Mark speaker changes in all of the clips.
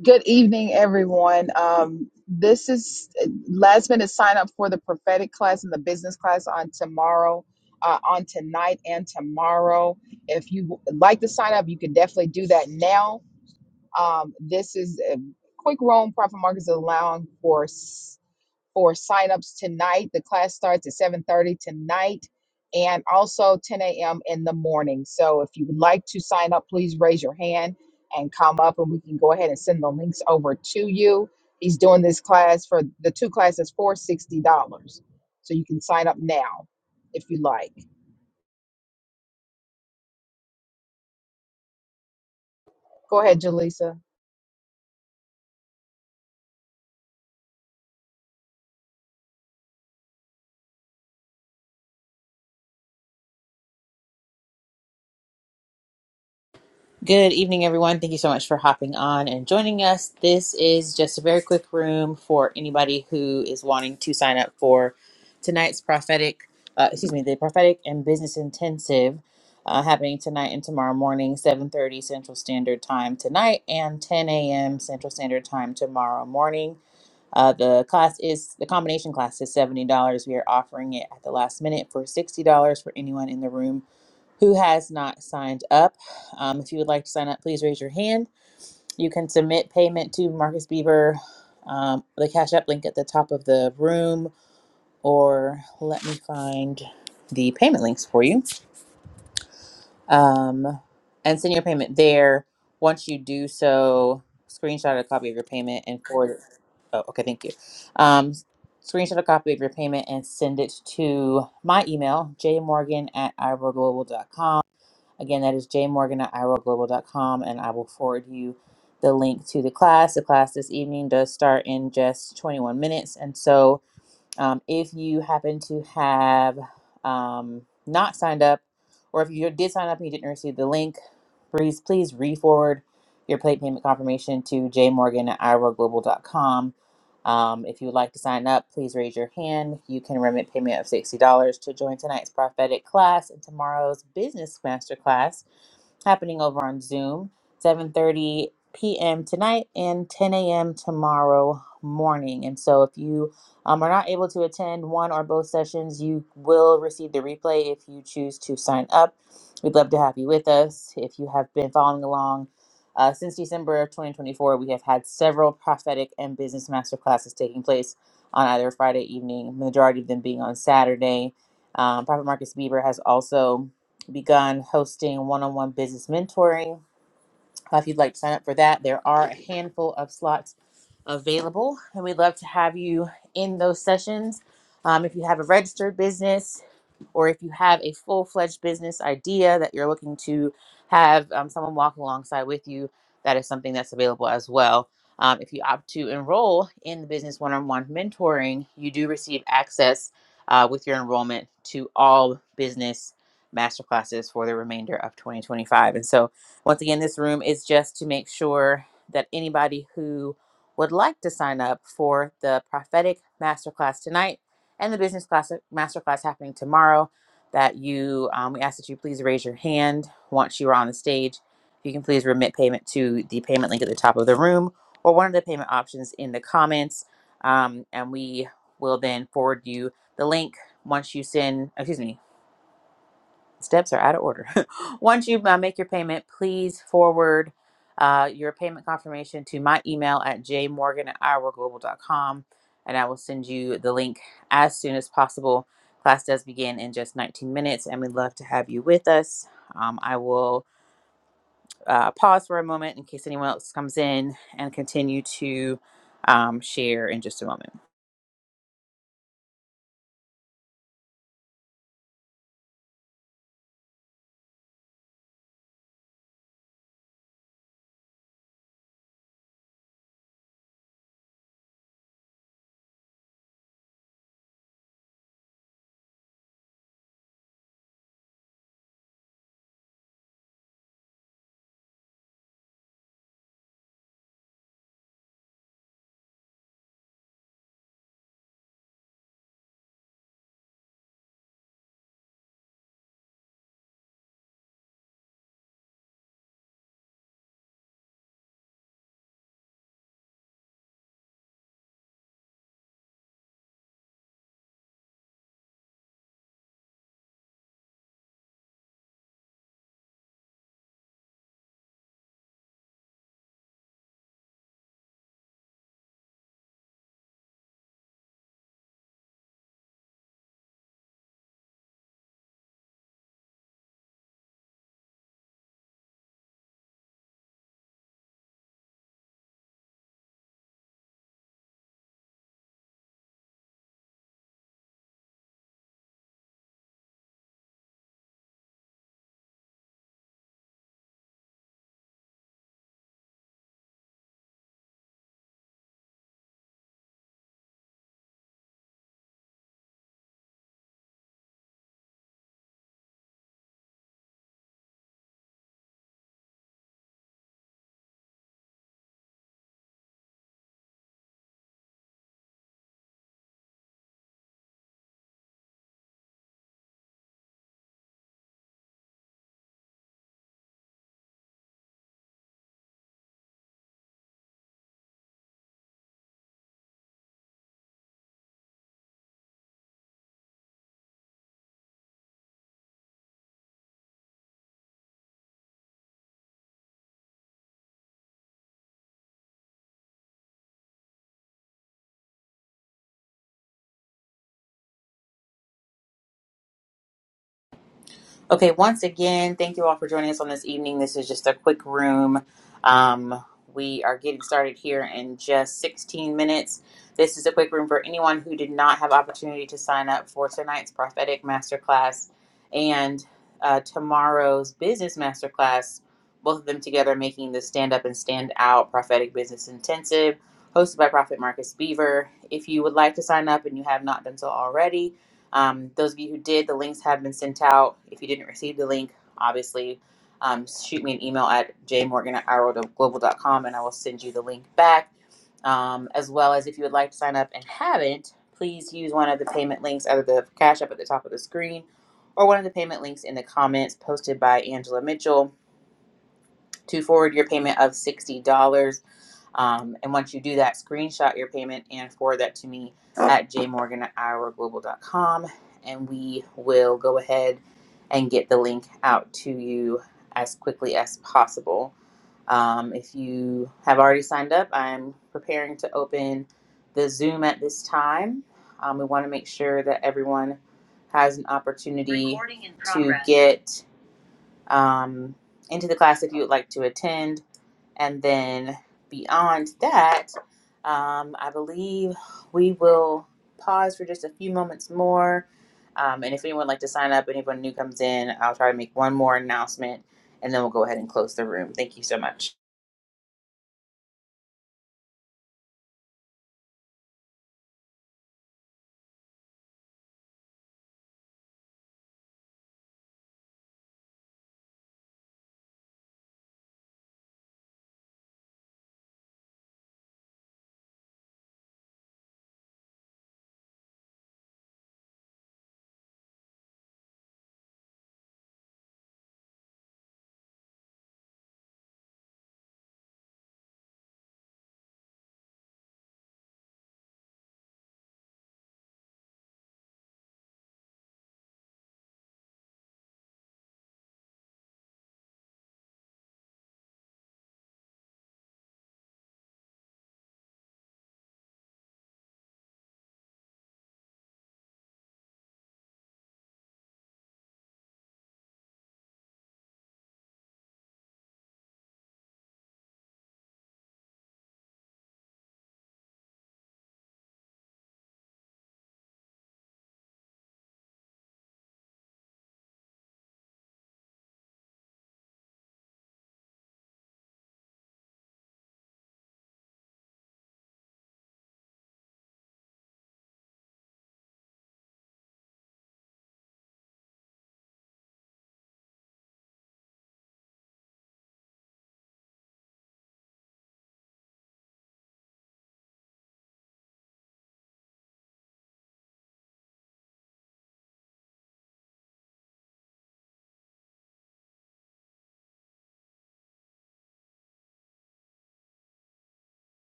Speaker 1: Good evening, everyone. Um, this is last minute sign up for the prophetic class and the business class on tomorrow, uh, on tonight and tomorrow. If you would like to sign up, you can definitely do that now. Um, this is a quick room. Prophet Marcus is allowing for for signups tonight. The class starts at 7:30 tonight and also 10 a.m. in the morning. So if you would like to sign up, please raise your hand and come up and we can go ahead and send the links over to you. He's doing this class for the two classes for $60. So you can sign up now if you like. Go ahead, Jaleesa.
Speaker 2: Good evening, everyone. Thank you so much for hopping on and joining us. This is just a very quick room for anybody who is wanting to sign up for tonight's prophetic, uh, excuse me, the prophetic and business intensive uh, happening tonight and tomorrow morning, 7.30 Central Standard Time tonight and 10 a.m. Central Standard Time tomorrow morning. Uh, the class is, the combination class is $70. We are offering it at the last minute for $60 for anyone in the room who has not signed up. Um, if you would like to sign up, please raise your hand. You can submit payment to Marcus Bieber, um, the Cash App link at the top of the room, or let me find the payment links for you um, and send your payment there. Once you do so, screenshot a copy of your payment and forward it. Oh, okay, thank you. Um, screenshot a copy of your payment and send it to my email, jmorgan at iroglobal.com Again, that is jmorgan at iroglobal.com, and I will forward you the link to the class. The class this evening does start in just 21 minutes, and so um, if you happen to have um, not signed up, or if you did sign up and you didn't receive the link, please please re-forward your plate payment confirmation to jmorgan at iroglobal iroglobal.com. Um, if you would like to sign up, please raise your hand. You can remit payment of $60 to join tonight's prophetic class and tomorrow's business masterclass happening over on Zoom, 7:30 p.m. tonight and 10 a.m. tomorrow morning. And so, if you um, are not able to attend one or both sessions, you will receive the replay if you choose to sign up. We'd love to have you with us. If you have been following along uh, since December of 2024, we have had several prophetic and business master classes taking place on either Friday evening, majority of them being on Saturday. Um, Prophet Marcus Bieber has also begun hosting one on one business mentoring. Uh, If you'd like to sign up for that, there are a handful of slots available, and we'd love to have you in those sessions. Um, if you have a registered business, or if you have a full fledged business idea that you're looking to have um, someone walk alongside with you, that is something that's available as well. Um, if you opt to enroll in the business one on one mentoring, you do receive access uh, with your enrollment to all business masterclasses for the remainder of 2025. And so, once again, this room is just to make sure that anybody who would like to sign up for the prophetic masterclass tonight and the business class masterclass happening tomorrow. That you, um, we ask that you please raise your hand once you are on the stage. If you can please remit payment to the payment link at the top of the room or one of the payment options in the comments, um, and we will then forward you the link once you send. Excuse me steps are out of order. Once you uh, make your payment, please forward uh, your payment confirmation to my email at jmorgan at iworkglobal.com, and I will send you the link as soon as possible. Class does begin in just 19 minutes, and we'd love to have you with us. Um, I will uh, pause for a moment in case anyone else comes in and continue to um, share in just a moment. Okay, once again, thank you all for joining us on this evening. This is just a quick room. Um, we are getting started here in just 16 minutes. This is a quick room for anyone who did not have opportunity to sign up for tonight's prophetic masterclass and uh, tomorrow's business masterclass. Both of them together making the Stand Up and Stand Out Prophetic Business Intensive, hosted by Prophet Marcus Beaver. If you would like to sign up and you have not done so already, um, those of you who did, the links have been sent out. If you didn't receive the link, obviously, um, shoot me an email at jmorgan at i road global dot com, and I will send you the link back. Um, as well as if you would like to sign up and haven't, please use one of the payment links, either the Cash App at the top of the screen or one of the payment links in the comments posted by Angela Mitchell to forward your payment of $60. um, and once you do that, screenshot your payment and forward that to me at jmorgan at iowaglobal.com. And we will go ahead and get the link out to you as quickly as possible. Um, if you have already signed up, I'm preparing to open the Zoom at this time. Um, we want to make sure that everyone has an opportunity to get um, into the class if you would like to attend and then beyond that, um, I believe we will pause for just a few moments more. Um, and if anyone would like to sign up, anyone new comes in, I'll try to make one more announcement and then we'll go ahead and close the room. Thank you so much.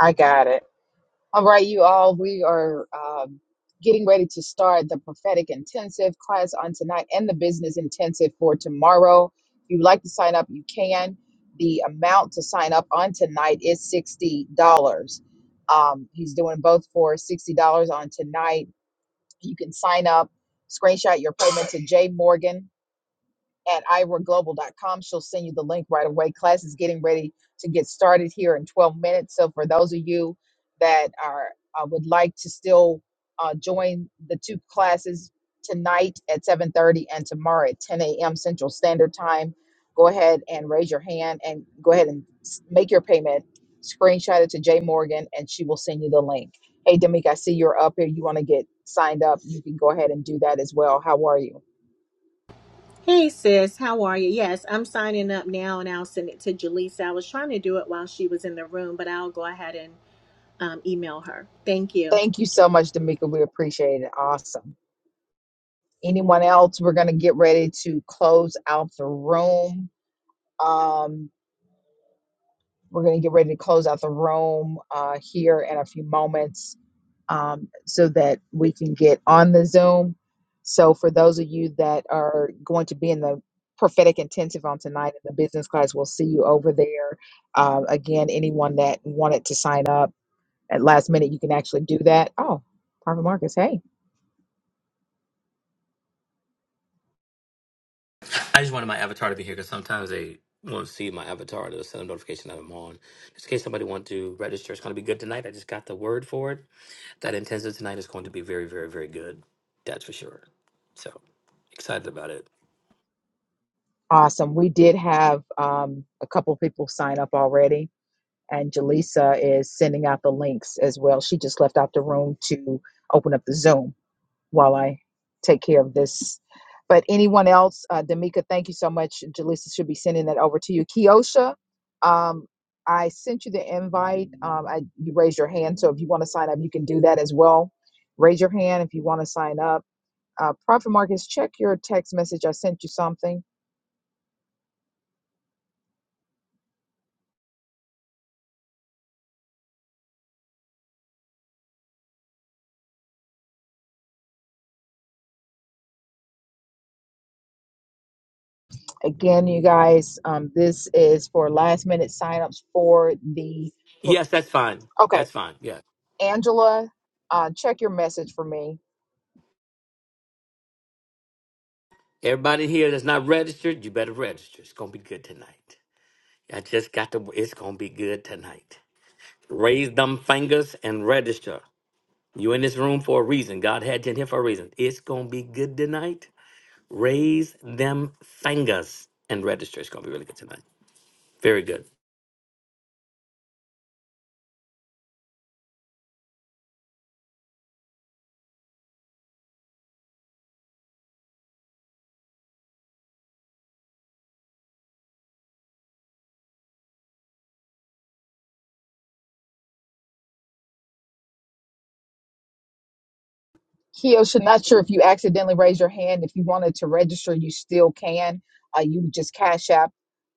Speaker 1: I got it. All right, you all, we are um, getting ready to start the prophetic intensive class on tonight and the business intensive for tomorrow. If you'd like to sign up, you can. The amount to sign up on tonight is $60. Um, he's doing both for $60 on tonight. You can sign up, screenshot your payment to Jay Morgan at ira global dot com, She'll send you the link right away. Class is getting ready to get started here in 12 minutes. So for those of you that are uh, would like to still uh, join the two classes tonight at 7:30 and tomorrow at 10 a.m. Central Standard Time, go ahead and raise your hand and go ahead and s- make your payment. Screenshot it to Jay Morgan, and she will send you the link. Hey, Demik, I see you're up here. You want to get signed up? You can go ahead and do that as well. How are you?
Speaker 3: Hey sis, how are you? Yes, I'm signing up now and I'll send it to Jaleesa. I was trying to do it while she was in the room, but I'll go ahead and um, email her. Thank you.
Speaker 1: Thank you so much, D'Amica. We appreciate it. Awesome. Anyone else? We're going to get ready to close out the room. Um, we're going to get ready to close out the room uh, here in a few moments um, so that we can get on the Zoom. So, for those of you that are going to be in the prophetic intensive on tonight in the business class, we'll see you over there. Uh, again, anyone that wanted to sign up at last minute, you can actually do that. Oh, Prophet Marcus, hey.
Speaker 4: I just wanted my avatar to be here because sometimes they won't see my avatar. They'll send a notification that I'm on. Just in case somebody wants to register, it's going to be good tonight. I just got the word for it. That intensive tonight is going to be very, very, very good. That's for sure. So excited about it.
Speaker 1: Awesome. We did have um, a couple of people sign up already, and Jaleesa is sending out the links as well. She just left out the room to open up the Zoom. while I take care of this. But anyone else, uh, D'Amica, thank you so much. Jaleesa should be sending that over to you. Kiosha, um, I sent you the invite. Um, I, you raised your hand, so if you want to sign up, you can do that as well. Raise your hand if you want to sign up. Uh, Prophet Marcus, check your text message. I sent you something. Again, you guys, um, this is for last minute signups for the. prof-
Speaker 4: Yes, that's fine.
Speaker 1: Okay,
Speaker 4: That's fine. Yeah.
Speaker 1: Angela, uh, check your message for me
Speaker 4: Everybody here that's not registered, you better register. It's going to be good tonight. I just got the, it's going to be good tonight. Raise them fingers and register. You in this room for a reason. God had you in here for a reason. It's going to be good tonight. Raise them fingers and register. It's going to be really good tonight. Very good.
Speaker 1: Kiosha, not sure if you accidentally raised your hand. If you wanted to register, you still can. Uh, you would just cash app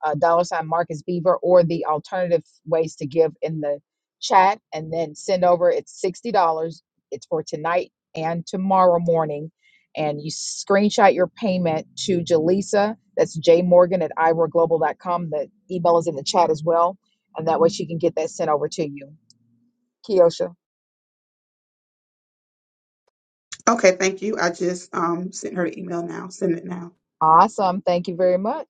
Speaker 1: uh, dollar sign Marcus Beaver or the alternative ways to give in the chat and then send over. It's sixty dollars. It's for tonight and tomorrow morning. And you screenshot your payment to Jaleesa. That's J Morgan at ira global dot com. The email is in the chat as well. And that way she can get that sent over to you. Kiosha.
Speaker 5: Okay, thank you. I just um sent her an email now. Send it now.
Speaker 1: Awesome. Thank you very much.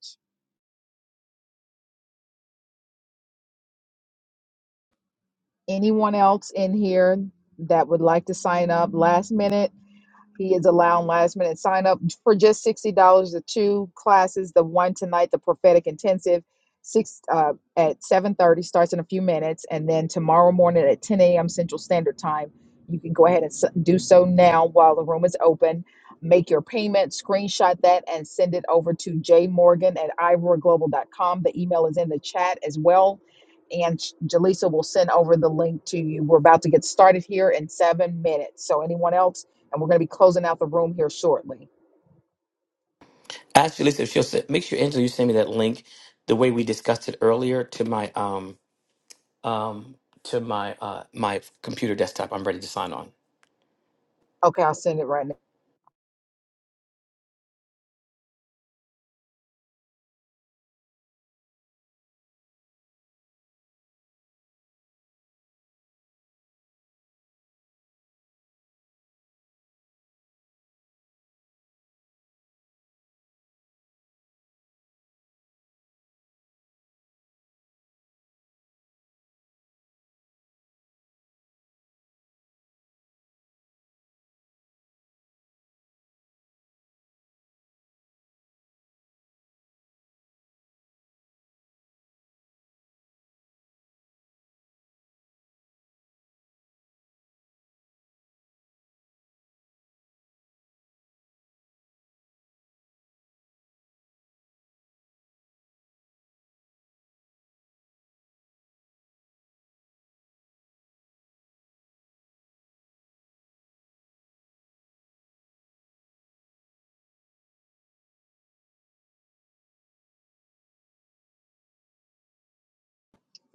Speaker 1: Anyone else in here that would like to sign up last minute? He is allowing last minute sign up for just sixty dollars. The two classes, the one tonight, the prophetic intensive, six uh, at seven thirty starts in a few minutes, and then tomorrow morning at ten a.m. Central Standard Time. You can go ahead and s- do so now while the room is open. Make your payment, screenshot that, and send it over to jmorgan at iroar global dot com. The email is in the chat as well. And Sh- Jaleesa will send over the link to you. We're about to get started here in seven minutes. So, anyone else? and we're going to be closing out the room here shortly.
Speaker 4: Actually, so she'll send, make sure Angela, you send me that link the way we discussed it earlier to my um um to my uh my computer desktop. I'm ready to sign on.
Speaker 1: Okay, I'll send it right now.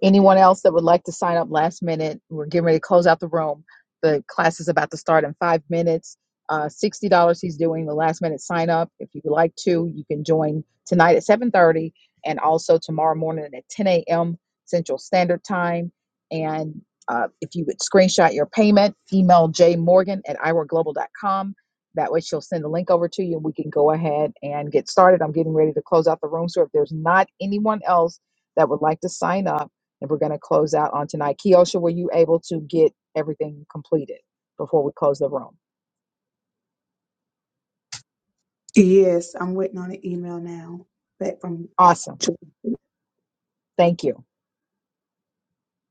Speaker 1: Anyone else that would like to sign up last minute? We're getting ready to close out the room. The class is about to start in five minutes. Uh, Sixty dollars. He's doing the last minute sign up. If you would like to, you can join tonight at seven thirty, and also tomorrow morning at ten a.m. Central Standard Time. And uh, if you would screenshot your payment, email jmorgan at iworkglobal.com. That way, she'll send the link over to you, and we can go ahead and get started. I'm getting ready to close out the room. So if there's not anyone else that would like to sign up and we're going to close out on tonight. Kiosha, were you able to get everything completed before we close the room?
Speaker 5: Yes, I'm waiting on an email now back from
Speaker 1: Awesome. Thank you.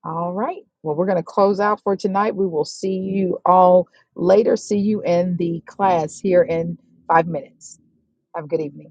Speaker 1: All right. Well, we're going to close out for tonight. We will see you all later. See you in the class here in five minutes. Have a good evening.